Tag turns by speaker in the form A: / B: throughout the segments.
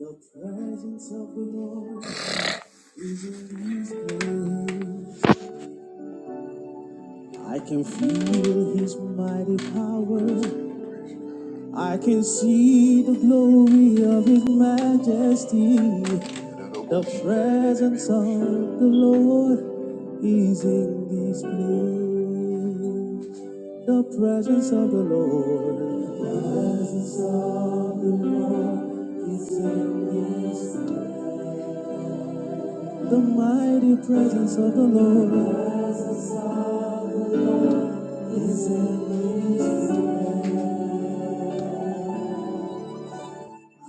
A: The presence of the Lord is in this place. I can feel His mighty power. I can see the glory of His majesty. The presence of the Lord is in this place. The presence of the Lord is in this. place. The mighty presence of the Lord is in this. place.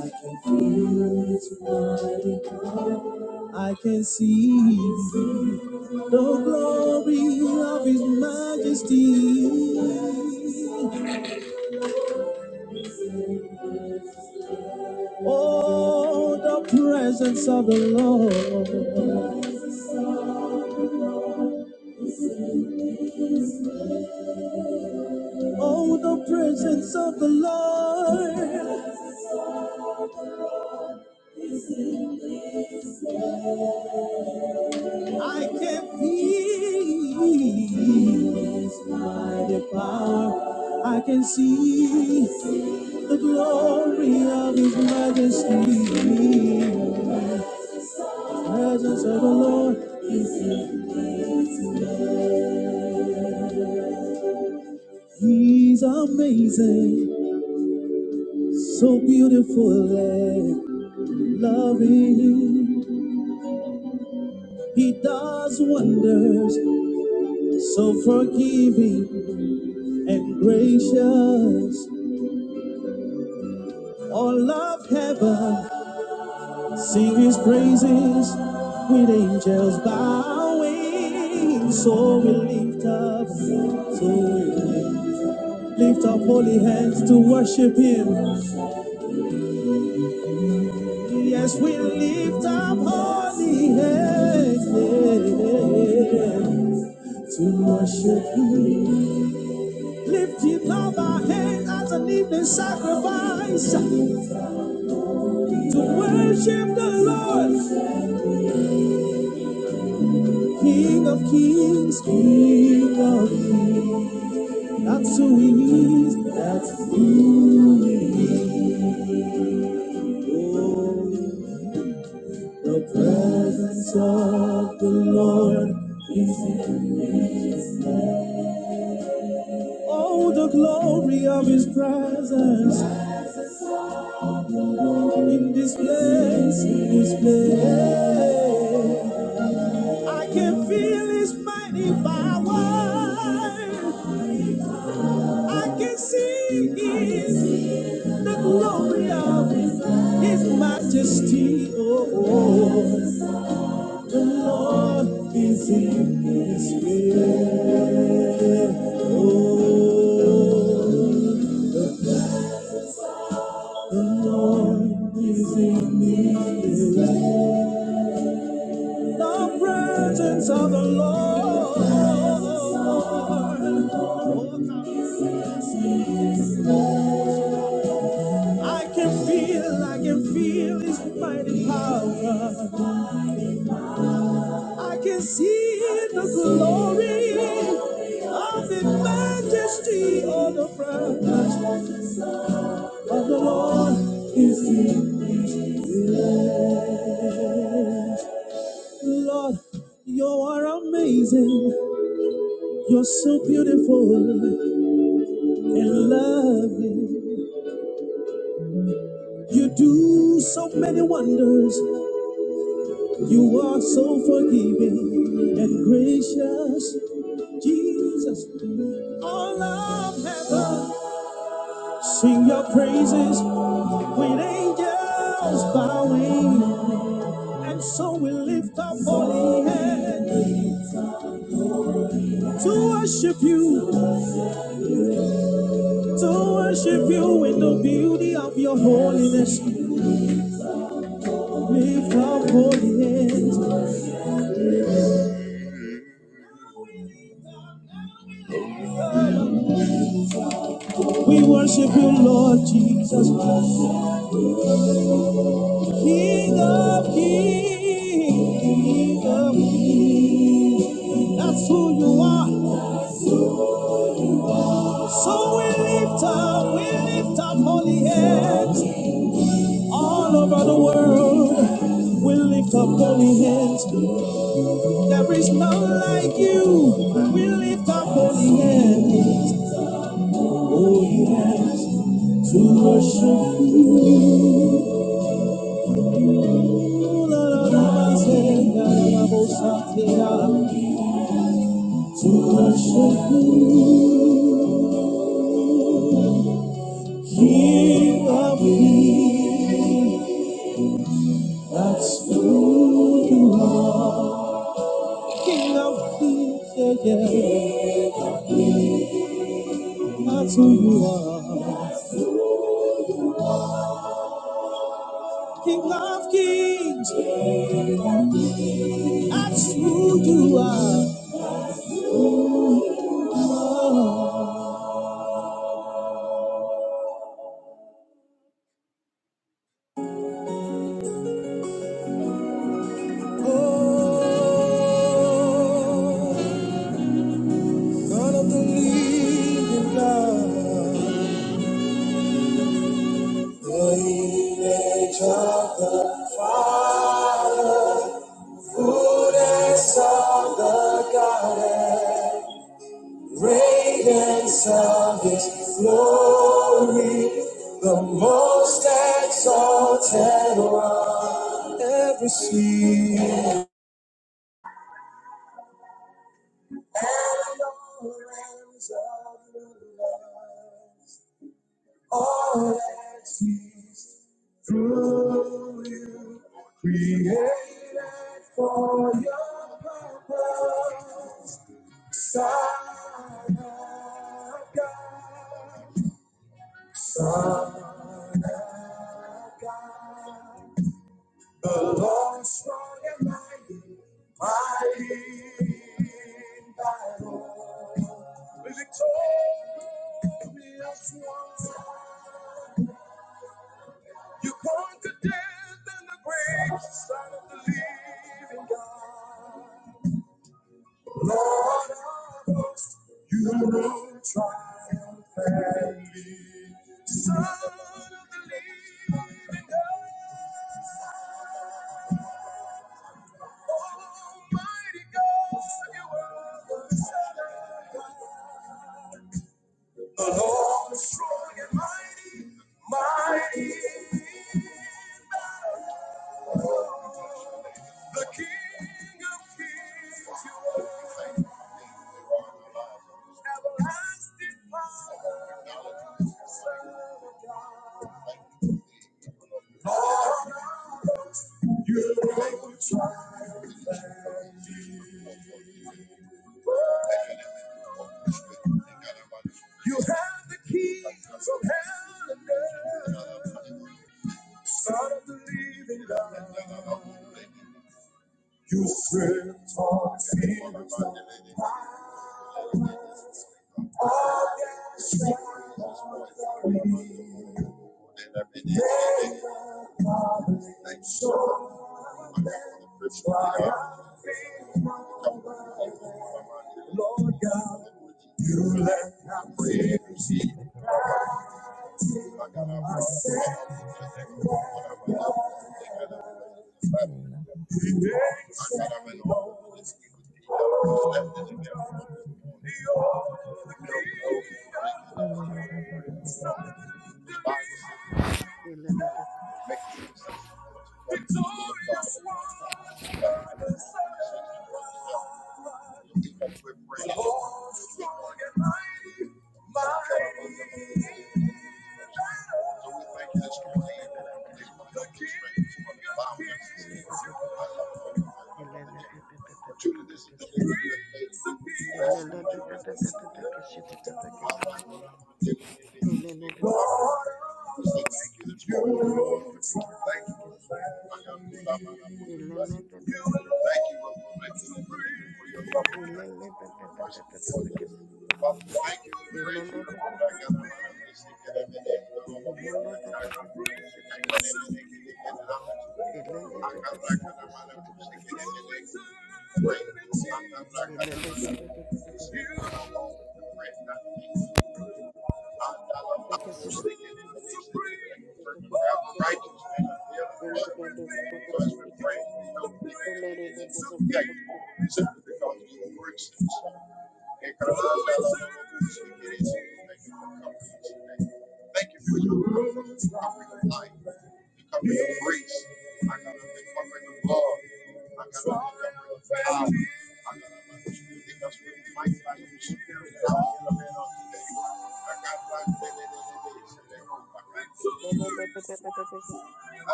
A: I can feel his might. I can see the glory of his majesty. Oh, the presence of the Lord. Oh, the presence of the Lord. I can feel his mighty power. I can see. The glory of His majesty, the presence of the Lord, He's amazing, so beautiful and loving. He does wonders, so forgiving and gracious. All of heaven sing His praises with angels bowing. So we lift up, so we lift. Lift up holy hands to worship him. Yes, we lift up holy hands yeah, to worship him. Lifting up our hands as an evening sacrifice to worship the Lord, King of kings, King of Kings. That's who he is, that's who he is. Oh, The presence of the Lord is in this place. Oh, the glory of His presence in this place, in this place. I can feel His mighty power. I can see His, the glory of His majesty. Oh, oh. The Lord is in this place. Oh, the presence of the Lord is in this place. The presence of the Lord. I can feel, I can feel His mighty power. I can see the glory of the majesty of the presence of the Lord is here. Lord, you are amazing. You're so beautiful and loving. You do so many wonders. You are so forgiving and gracious. Jesus, all of heaven, sing your praises with angels bowing, and so we lift up holy hand to worship you, to worship you in the beauty of your holiness. Lift up holy hands, we worship you, Lord Jesus, King of kings, King of kings. That's who you are. So we lift up, we lift up holy hands all over the world. We lift up holy hands. There is none like you. We lift up holy hands, holy hands to worship you. La, la, la, la, say, la, la, la, bo, sa, te, la, la. To worship you, King of Kings. That's who you are. King of kings, yeah, yeah, that's who you are. King of kings, that's who you are. Oh, oh, God of the living God, the image of the Father, goodness of the Godhead. Great and salvage glory, the most exalt ever see.
B: Ilele Thank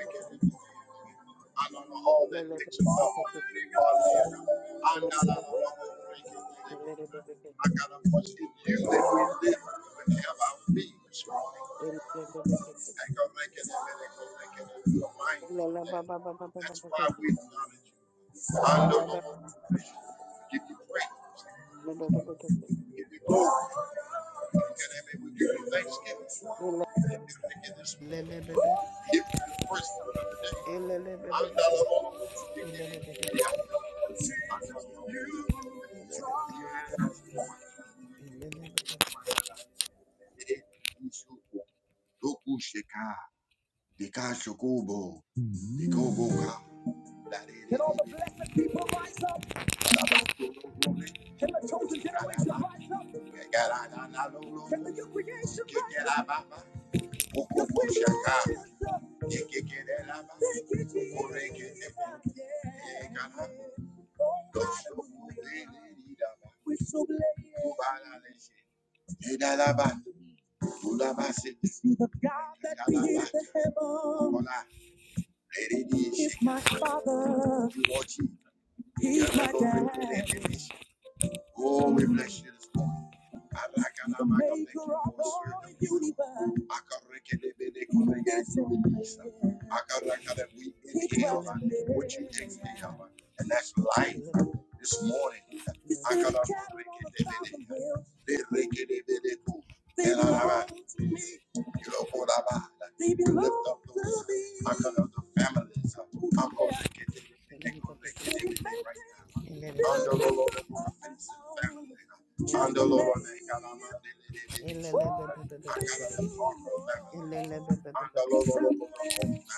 B: you. Ilele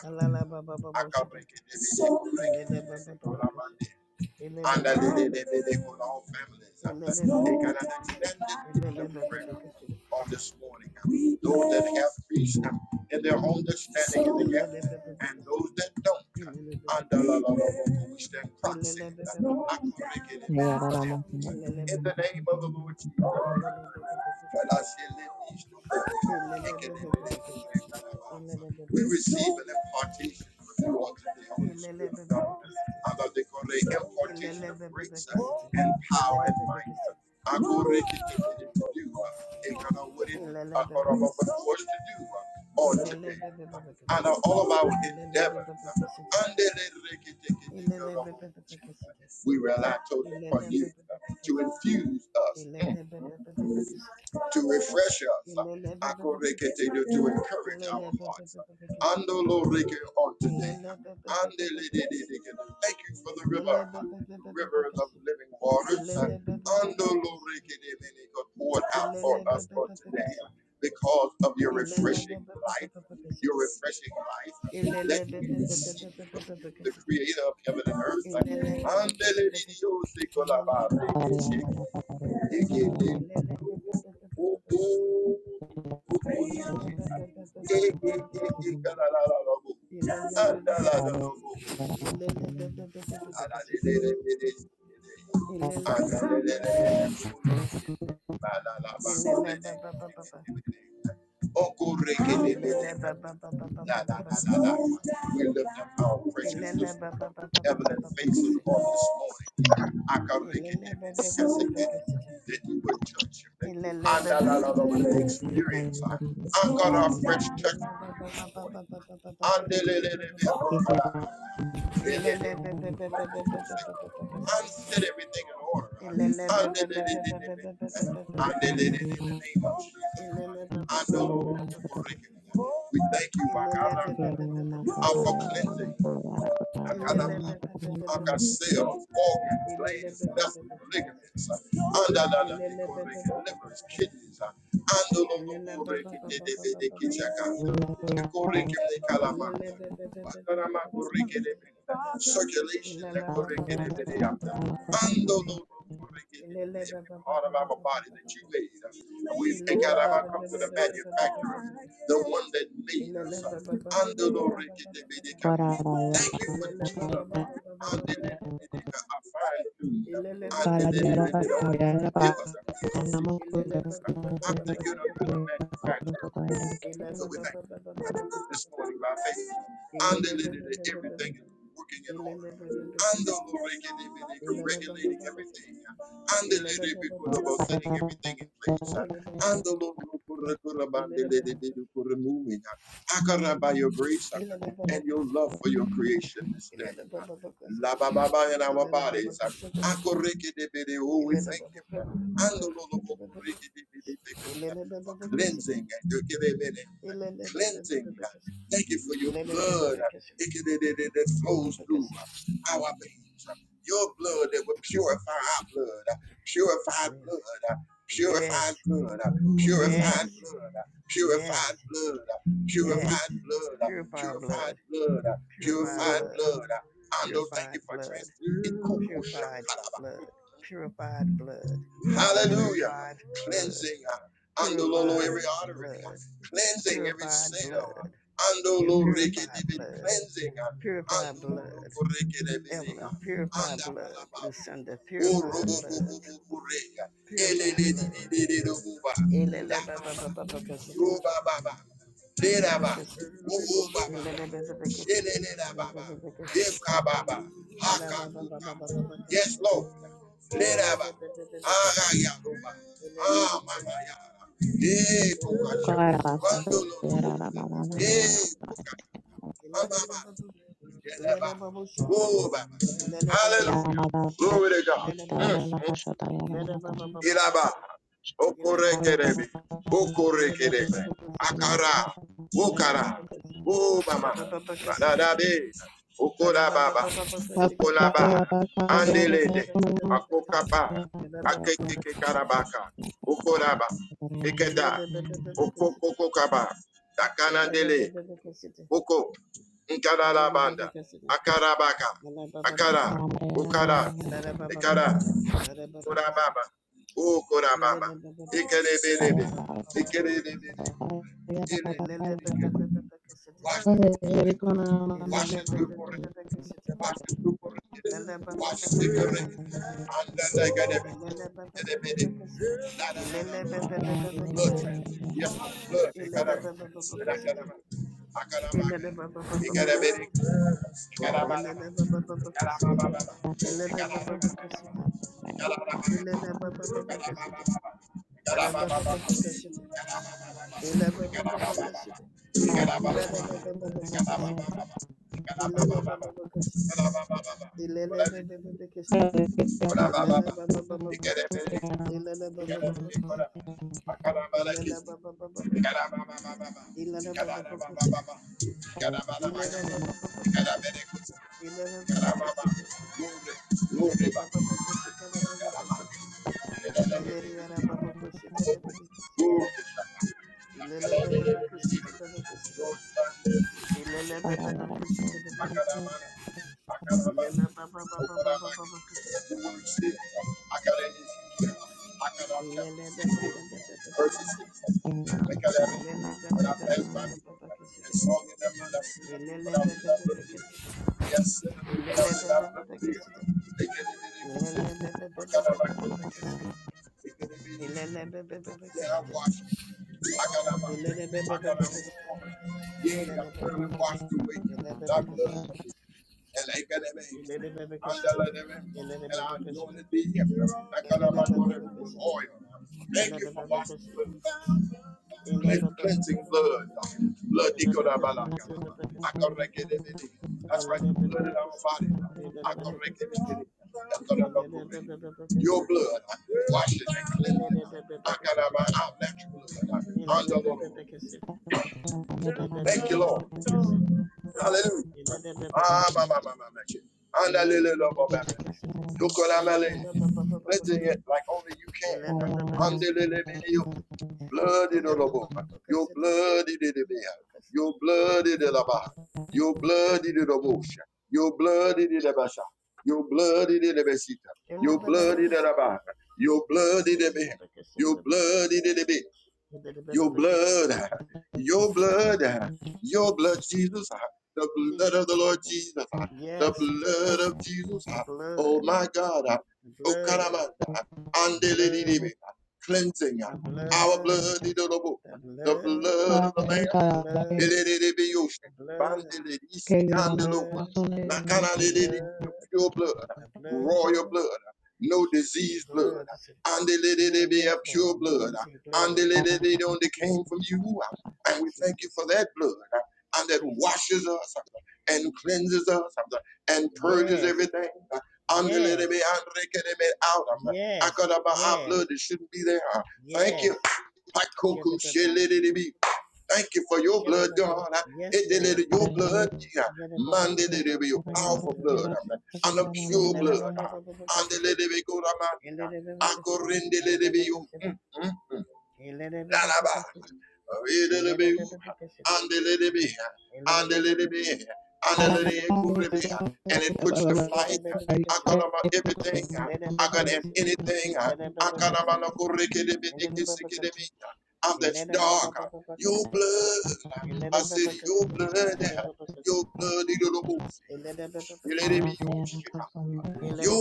B: Alala baba baba shada. Elele baba baba kashi. Elele baba baba kashi. Elele baba kashi. Elele baba baba kashi. Elele baba baba kashi. Elele baba baba kashi. Elele baba baba kashi. Elele baba baba kashi. Elele baba baba kashi. Elele baba baba kashi. Elele baba baba kashi. Elele baba baba kashi. Elele baba baba kashi. Elele baba kashi. Elele baba baba kashi. Elele baba baba kashi. Elele baba baba kashi. Ilele bebe bebe kesidi. Ilele bebe bebe kesidi. Ilele bebe bebe kesidi. Ilele bebe bebe kesidi. Ilele bebe bebe kesidi. Ilele bebe bebe kesidi. Ilele bebe bebe kesidi. Ilele bebe bebe kesidi. Ilele bebe bebe kesidi. Ilele bebe bebe kesidi. Ilele bebe bebe kesidi. Ilele bebe bebe kesidi. Ilele bebe bebe kesidi. Ilele bebe bebe kesidi. Ilele
C: Thank
B: Ilele Ilele ba ba ba ba ba ba ba ba ba ba ba.
C: you.
B: Ilele ba ba ba ba ba ba ba ba ba ba ba ba. Ilele ba ba
C: Para di
B: ba ba ba
C: era
B: ba
C: para
B: ba ba ba
C: era
B: ba
C: para
B: kesi.
C: nama kuda
B: Ilele ba ba ba ba ba ba ba ba ba ba.
C: para sota era
B: Ilele ba ba ba ba ba ba ba ba ba ba. Ilele ba ba ba ba ba ba. Ilele ba ba ba ba kesi. Ilele ba ba ba ba kesi. Ilele ba ba ba ba ba ba. Ilele ba ba ba ba kesi. Ilele ba ba ba kesi. Ilele ba ba kesi. Ilele ba ba ba kesi. Ilele ba ba kesi. Elena Yes, yes, yes, yes. yes. Purified blood, purified blood, purified blood, purified blood, purified blood, purified blood, purified blood, purified blood, your purified blood, purified blood, Evelyn, purify blood. Lucinda, purify blood. Thomas, purify blood. Elelebababababakasita, babakasi- elelebababakasita, elelebababakasita, elelebababababakasita, elelebabababakasita, elelebabababakasita, elelebabababakasita,
C: para basta
B: elelebabababakasita,
C: di era mana mana ya
B: elelebabababakasita, elelebabababakasita, elelebabababakasita,
C: mada kita la pasha ta era mata
B: elelebabababakasita, Ele
C: la para era para era para era para era para
B: Ilana Baba Baba Ilana Baba Baba Ilana Baba Baba Ilana Baba Baba Kushita, Ilana Baba Kushita, Ilana Baba Kushika Baba Kushita, Ilana Baba Kushita Baba Kushita, Ilana Baba Kushita Baba Kushita, Ilana Baba Kushita Baba Kushita, Ilana Baba Baba Baba Baba Kushita, Ilana Baba Baba Baba Baba Kushita, Ilana Baba Baba Baba Baba Kushita, Ilana Baba Baba Kushita, Ilana Baba Baba Kushita, Ilana Baba Baba Baba Cassette, Ilana Baba Kushita, Ele Jesus. Yes, the blood, the blood, the blood, the blood of Jesus. The blood, the blood, the blood, the blood, the blood, the blood, the blood. No, yes, Lord. Notice his blood. Jesus. Jesus. Yes. Yes. Yes. Yes. Yes. Shedda baba kashita. Shedda baba. Yes, Lord. Yada baba baba baba kashita baba kashita. Yada baba baba kashita. Yada baba kashita. Yada baba kashita. Yada baba kashita. Yada baba kashita. Yada baba kashita. Yada baba kashita.
C: Para
B: Yada baba
C: Thank
B: kashita. Elena Babacassi, Elena Babacassi, Elena Babacassi, Elena Babacassita, Elena Babacassita, Elena Babacassi, Elena Babacassi, Elena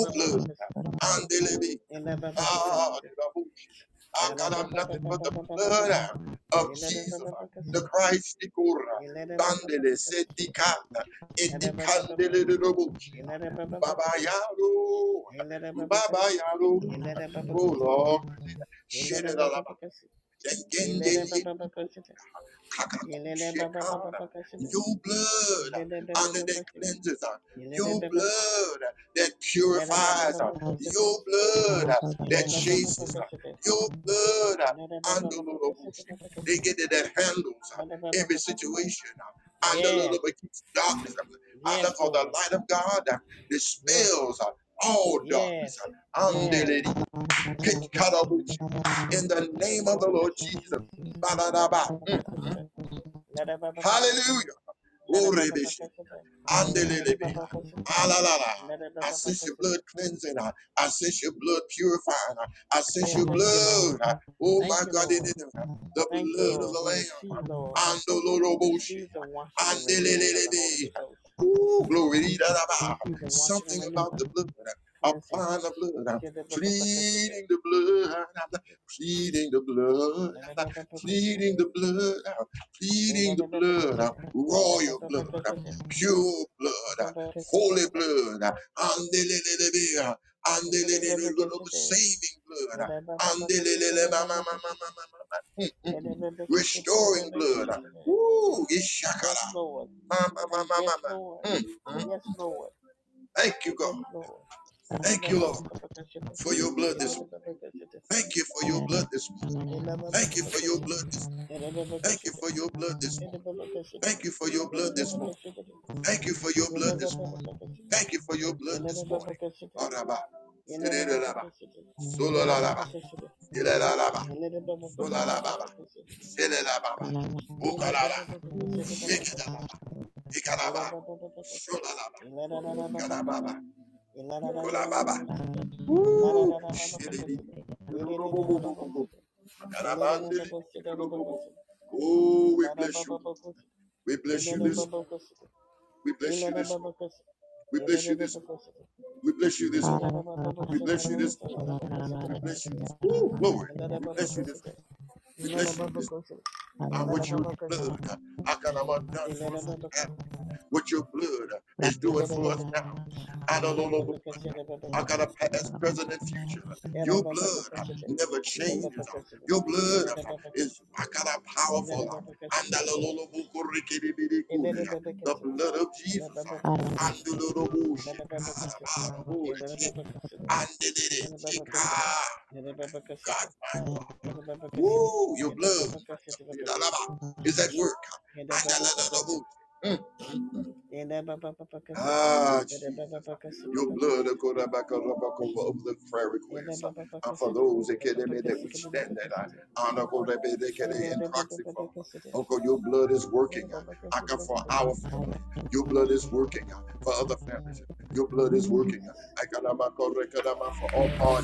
B: Babacassi, Elena Babacassita, Alabama Babacassita, Elena Babacassita, Elena Babacassi, Elena Babacassi, Elena Babacassi, Elena Babacassi, Elena Babacassita, Elena Babacassi, Elena Babacassita, Ilele baba baba bakasida. Ilele baba bakasida. Ilele baba bakasida. Ilele baba baba bakasida. Ilele baba bakasida. Ilele baba baba bakasida bakasida. Ilele baba bakasida. Yes, yes, Lord, yes, yes, yes. Ilele baba bakasida bakasida. Ilele baba bakasida. Jesus. Baba baba bakasida. Ilele baba bakasida. Ilele baba bakasida. Ilele baba bakasida. Ilele baba bakasida. Yeah, thank you, Lord. Thank you, Lord. Thank you, Lord. We receive, Lord. We receive the washing and renewing of the Holy Ghost. The Holy Spirit. We receive the washing and renewing. Cleansing. Jesus. Yes, Lord. Thank yes, Lord. Yes, Lord. Yes, Lord. Elababababakashite. Elabababakashite. Elabababakashite. Elabababakashite. Elabababakashite. Elabababakashite. Elabababakashite. Elabababakashite. Elabababakashite. Elabababakashite. Elabababakashite. Elabababakashite. Elabababakashite. Ilana Baba Cushion. Ela Baba Cassidy, Baba Cassidy,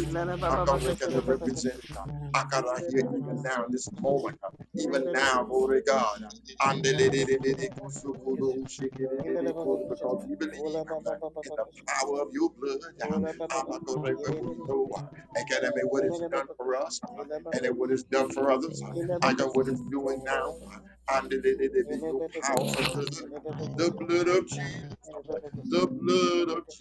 B: Nana Baba, Bacassi, the Babacassi, in the Babacassi, in the Babacassi, in the Babacassi, in the Babacassi, Ola Baba, Babacassi, Ola Baba,
C: you.
B: Yere, in the Babacassi, in the Babacassi,
C: Thank
B: in the Babacassi, in the Babacassi, in the Babacassi, in the Babacassi, in the Babacassi, in the Babacassi, Baba,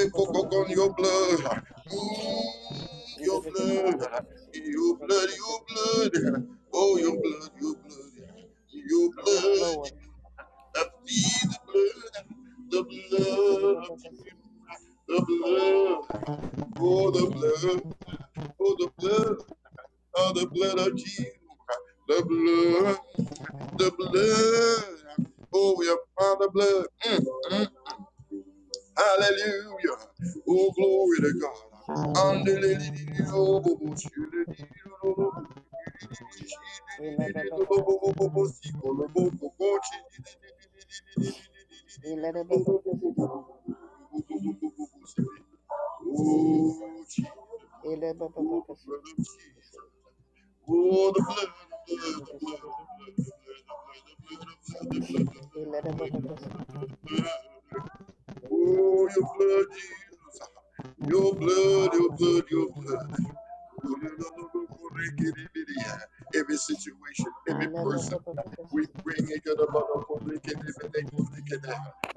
B: Ele Baba cacete, baba cacete, baba cacete, baba cacete. Yes, Lord.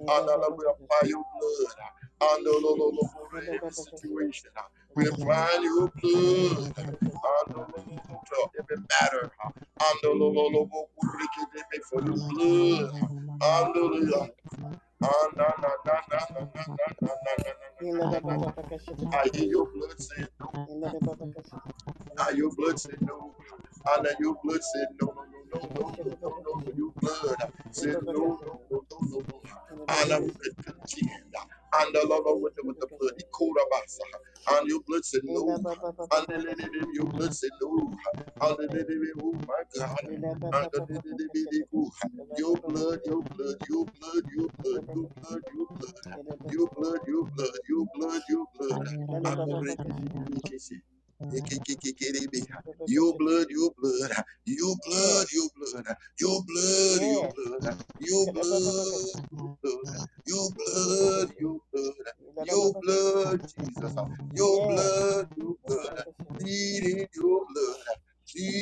B: Ele Babakashita Babakashita Babakashita and Babakashita Babakashita Babakashita Ela Baba Babakashita Ela Baba Babakashita Ela Baba Babakashita Ela Babakashita Ela Babakashita Ela Babakashita Babakashita Yes, yes. She could have Yes. Yes. Babakashita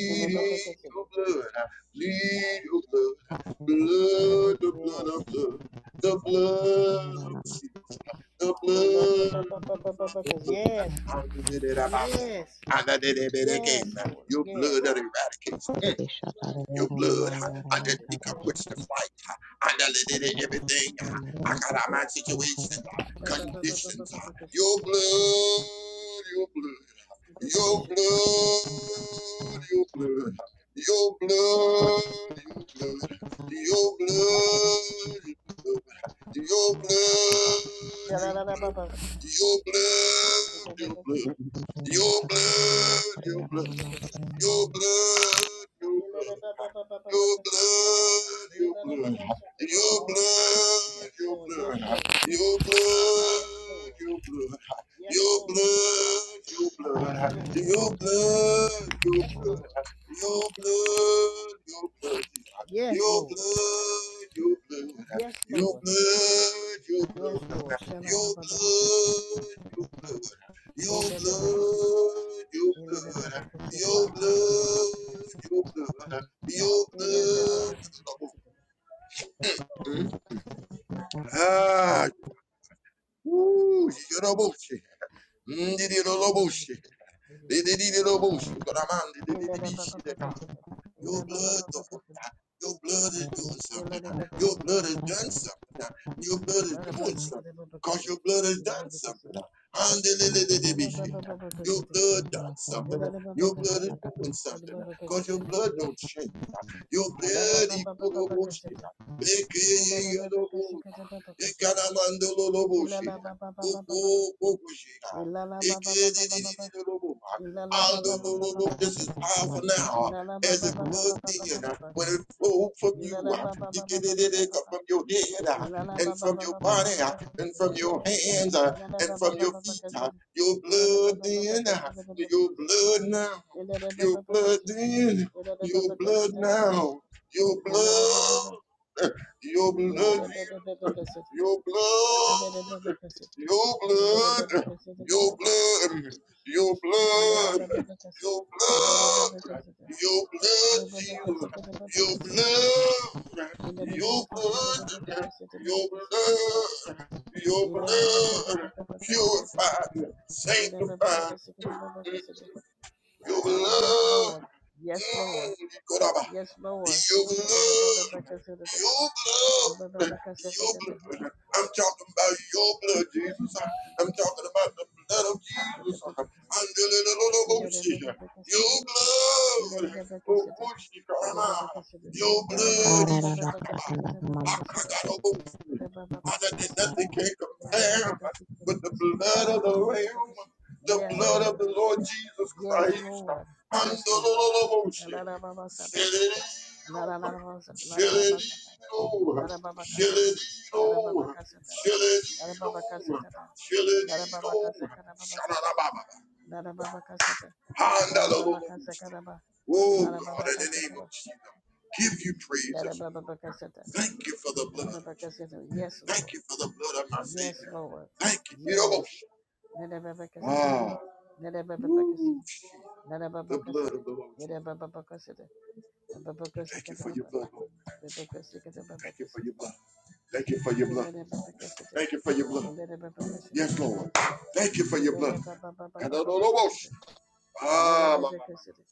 B: Ela Babakashita Yes. Ela Babakashita Yes. Yes. Yes, Lord. Yes. Yes, Lord.
C: you.
B: Yes, Lord. Yes, Lord.
C: Yara
B: Yes, Lord. Yes, Lord. Yes, Lord. Yes, Lord. Yes, Lord. Yes, Lord. Shalababababakasa. Ele baba kasete baba kasete baba kasete. Ele baba baba Ilala ba ba ba ba ba ba ba ba ba ba. Ilala ba ba ba ba ba ba ba ba ba. Ilere baba baba baba kasete. Ilere baba baba kasete baba kasete. Thank you. Yes, Lord. Yes, Lord. Yes, Lord. Yes, Lord. Yes, Lord. Yes, Lord. Larababasata, larababakasata, larababakasata, larababakasatata, larababakasakarababakasata, larababakasata, larababakasakaraba, larababakasakara, larababakasata, larababakasata. Yes, Lord. Yes, Lord. Yes. Larababakasata, larababakasata, larababakasata, larababakasata, bababakasakarababa, babakasakarababakasata, larababakasata. Elele baba kasida. Elele baba baba baba kasida. Elele baba kasida.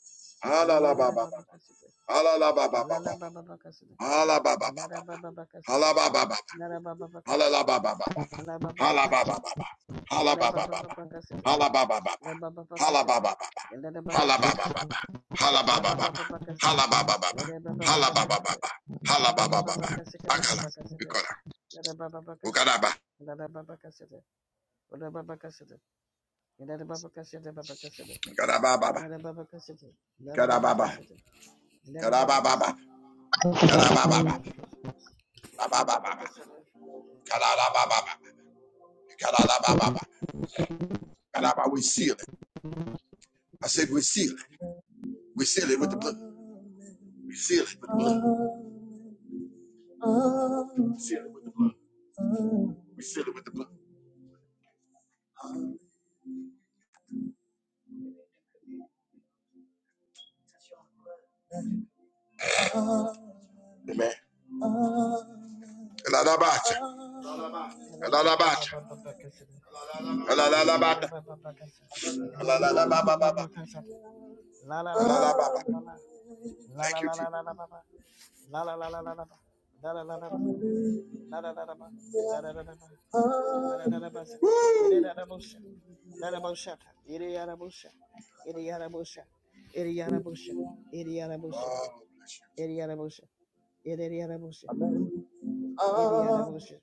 B: Elele baba kasida. Lala baba baba kasida. Lala baba baba kasida. Lala baba baba kasida. Lala baba baba kasida. Elele baba baba kasida. Lala baba baba kasida. Elele baba baba kasida. Lala baba baba kasida. Elele baba baba kasida. Lala baba baba kasida. Baba kasida. Lala baba baba kasida. Lala baba kasida. Lala baba kasida. Lala baba kasida. Baba kasida. Ilera baba kasete. Ilera baba kasete. Ilera baba kasete. Bakasi kata baba kasete. Ilera baba kasete.
A: We
B: Ilera baba baba baba kasete. Ilera baba baba kasete. Ilera baba baba baba kasete. La la la la la la la la la. La la la la la la baba. La la la la la la ba. La la la la la ba. La la la la ba. La la la la ba. La la la la ba. Ilera la busha. La la busha. Ilera busha. Ilera busha. Ilera busha. Ilera busha. Eriarabusha, Eriarabusha, Eriarabusha,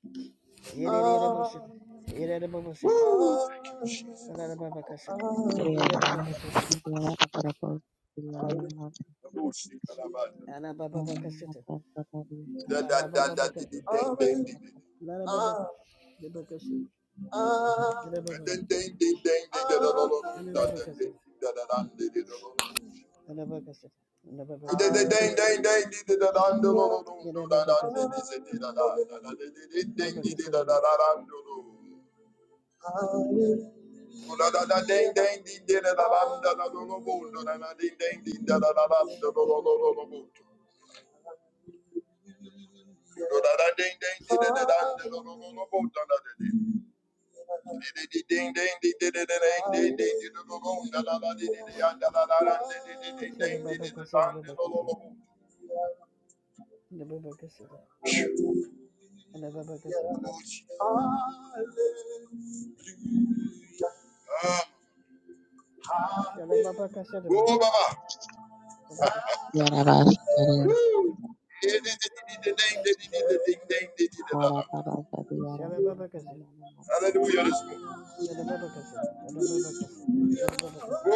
B: Eriarabusha,
A: Woo!
B: Eriarabusha, Anababakasha, Eriarabakasha, Anababakasha, Anababakasha, Anababakasha, Anababakasha, Anababakasha, Anababakasha, Anababakasha, Anababakasha, Anababakasha, Shalababakasha, Anababakasha, Anababakasha, Anababakasha, Shalababakasha, Anababakasha, Shalababakasha, Lada Baba Kasi, Lada Baba Kasi, Lada Baba Kasi,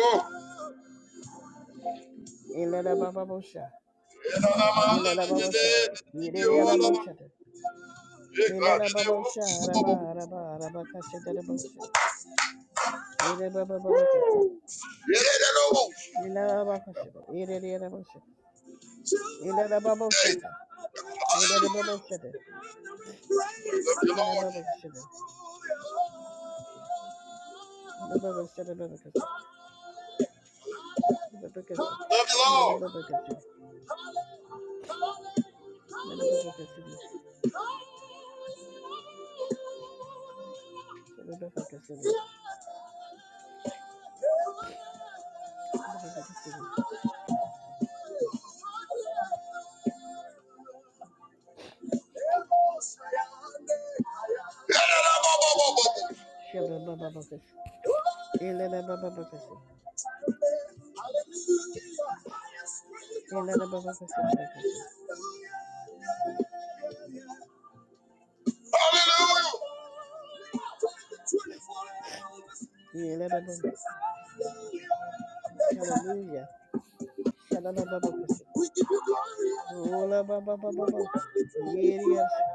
B: Ilada Baba Bosha, Ilada Baba Shada, Yedada Boshada, Ilada Baba Shah, Raba, Raba, Raba Kashita Bosha, Yeda Baba Babaka, Ilada Baba Shada, Yedada Bosha, Ilada Baba Shata, Yedada Baba Shada, Ila Baba Shada, Ila Baba Shada Baba Kasi, Baba Kasi, Ilada Baba Kasi, Lada Baba Kasi, Shada Baba Kasi, Lada Baba Kasi, Shada Baba Kasi, Ilada Baba Kasi, Hallelujah. Shalalababakashi. Ola baba baba baba. Yeriyashi.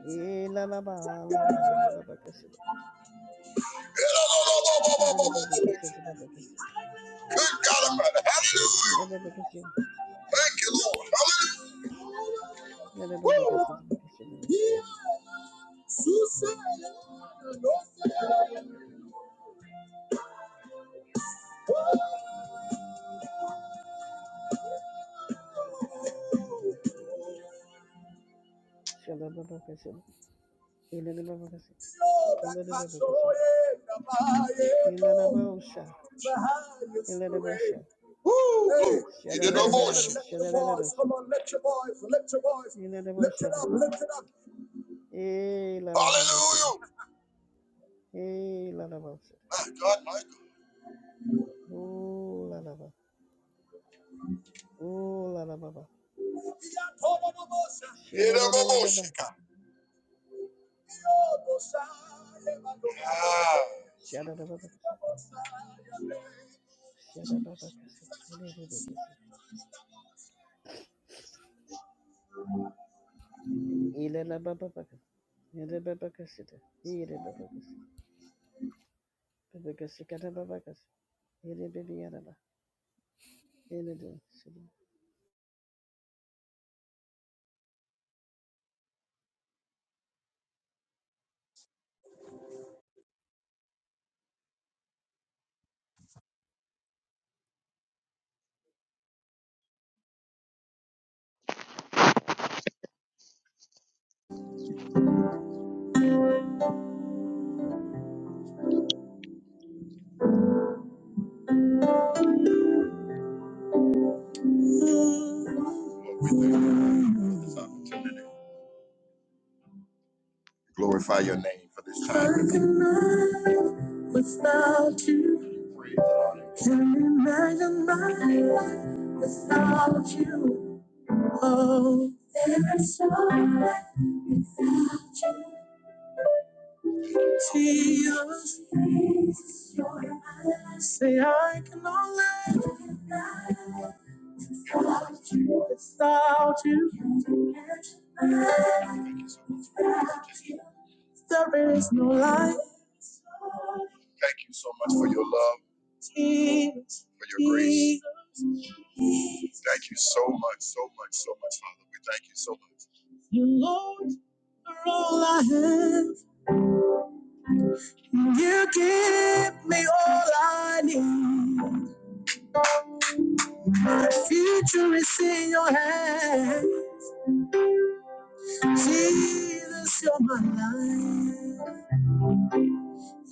B: Ela la ba la ba la babakashi. Nada babakashi da babakashi. Nada babakashi. Nada babakashi da babakashi da. Shalababakashi. Ela da babakashi. Ela da babakashi. Ela la ba osha. Ela la bosha. Shalalala. Shalalala. Ela da bosha. Ela la babakashi. Hey, la la ba. Ooh, la la ba. Ooh, la la ba ba. Shada da da da da ba. Shada da ba ba. Shada ba ba kasi. Ele ba ba kasu Ele la ba ba ba kasi. Ele ba ba kasu, da. Ele ba ba kasi. Ba ba kasi kada ba ba kasi. Ele ba ba yada ba. Ele do. Shada.
A: Without you, can imagine my life without you. Oh, there is so much Jesus, say I cannot live without you. There is no life. Jesus, For your grace. Jesus, you Lord, are all I have. You give me all I need. The future is in your hand. Jesus, you're my life.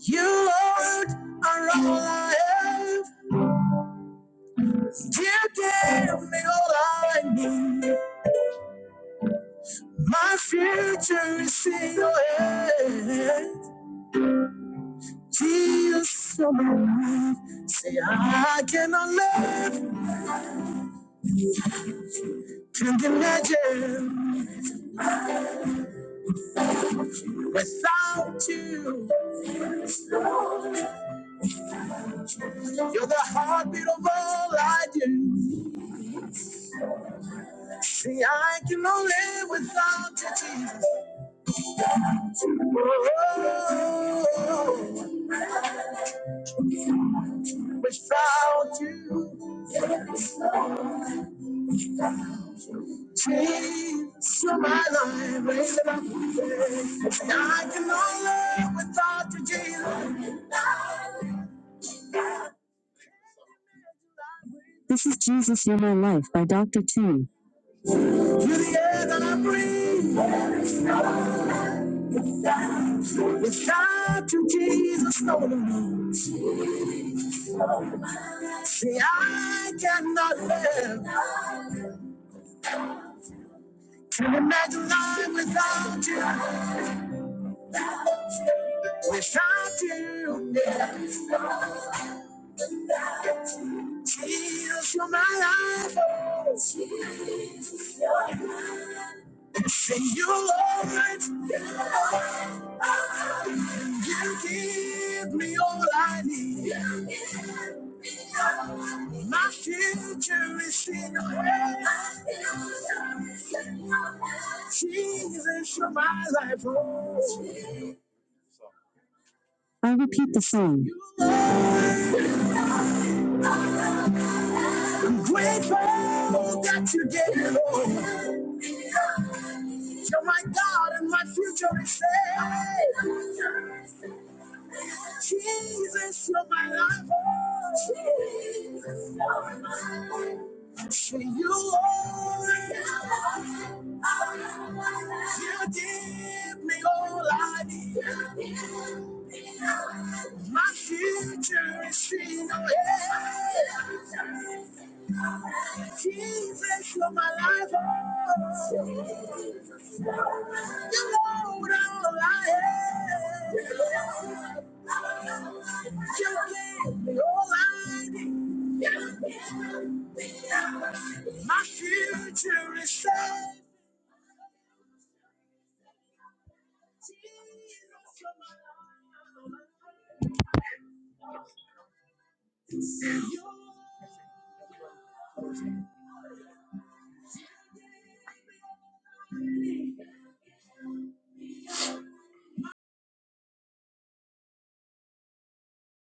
A: You, Lord, are all I have. You gave me all I need. My future is in your hands. Jesus, you're my life. Say, I cannot live, can't imagine without you. You're the heartbeat of all I do. Say I cannot live without you, Jesus. Oh, Without you, Jesus, you're my life. Raise it up. Say, I can no live without you, Jesus. You're the air that I breathe. Without you, Jesus, no one See, I cannot live. Can you imagine life without you? Without you, Jesus, you're my life. Say, you're all right. You give me all I need. My future is in Your hands, Jesus, you're my life. Oh, grateful that you gave it all. You're my God, and my future is safe. Jesus, you're my life. Oh,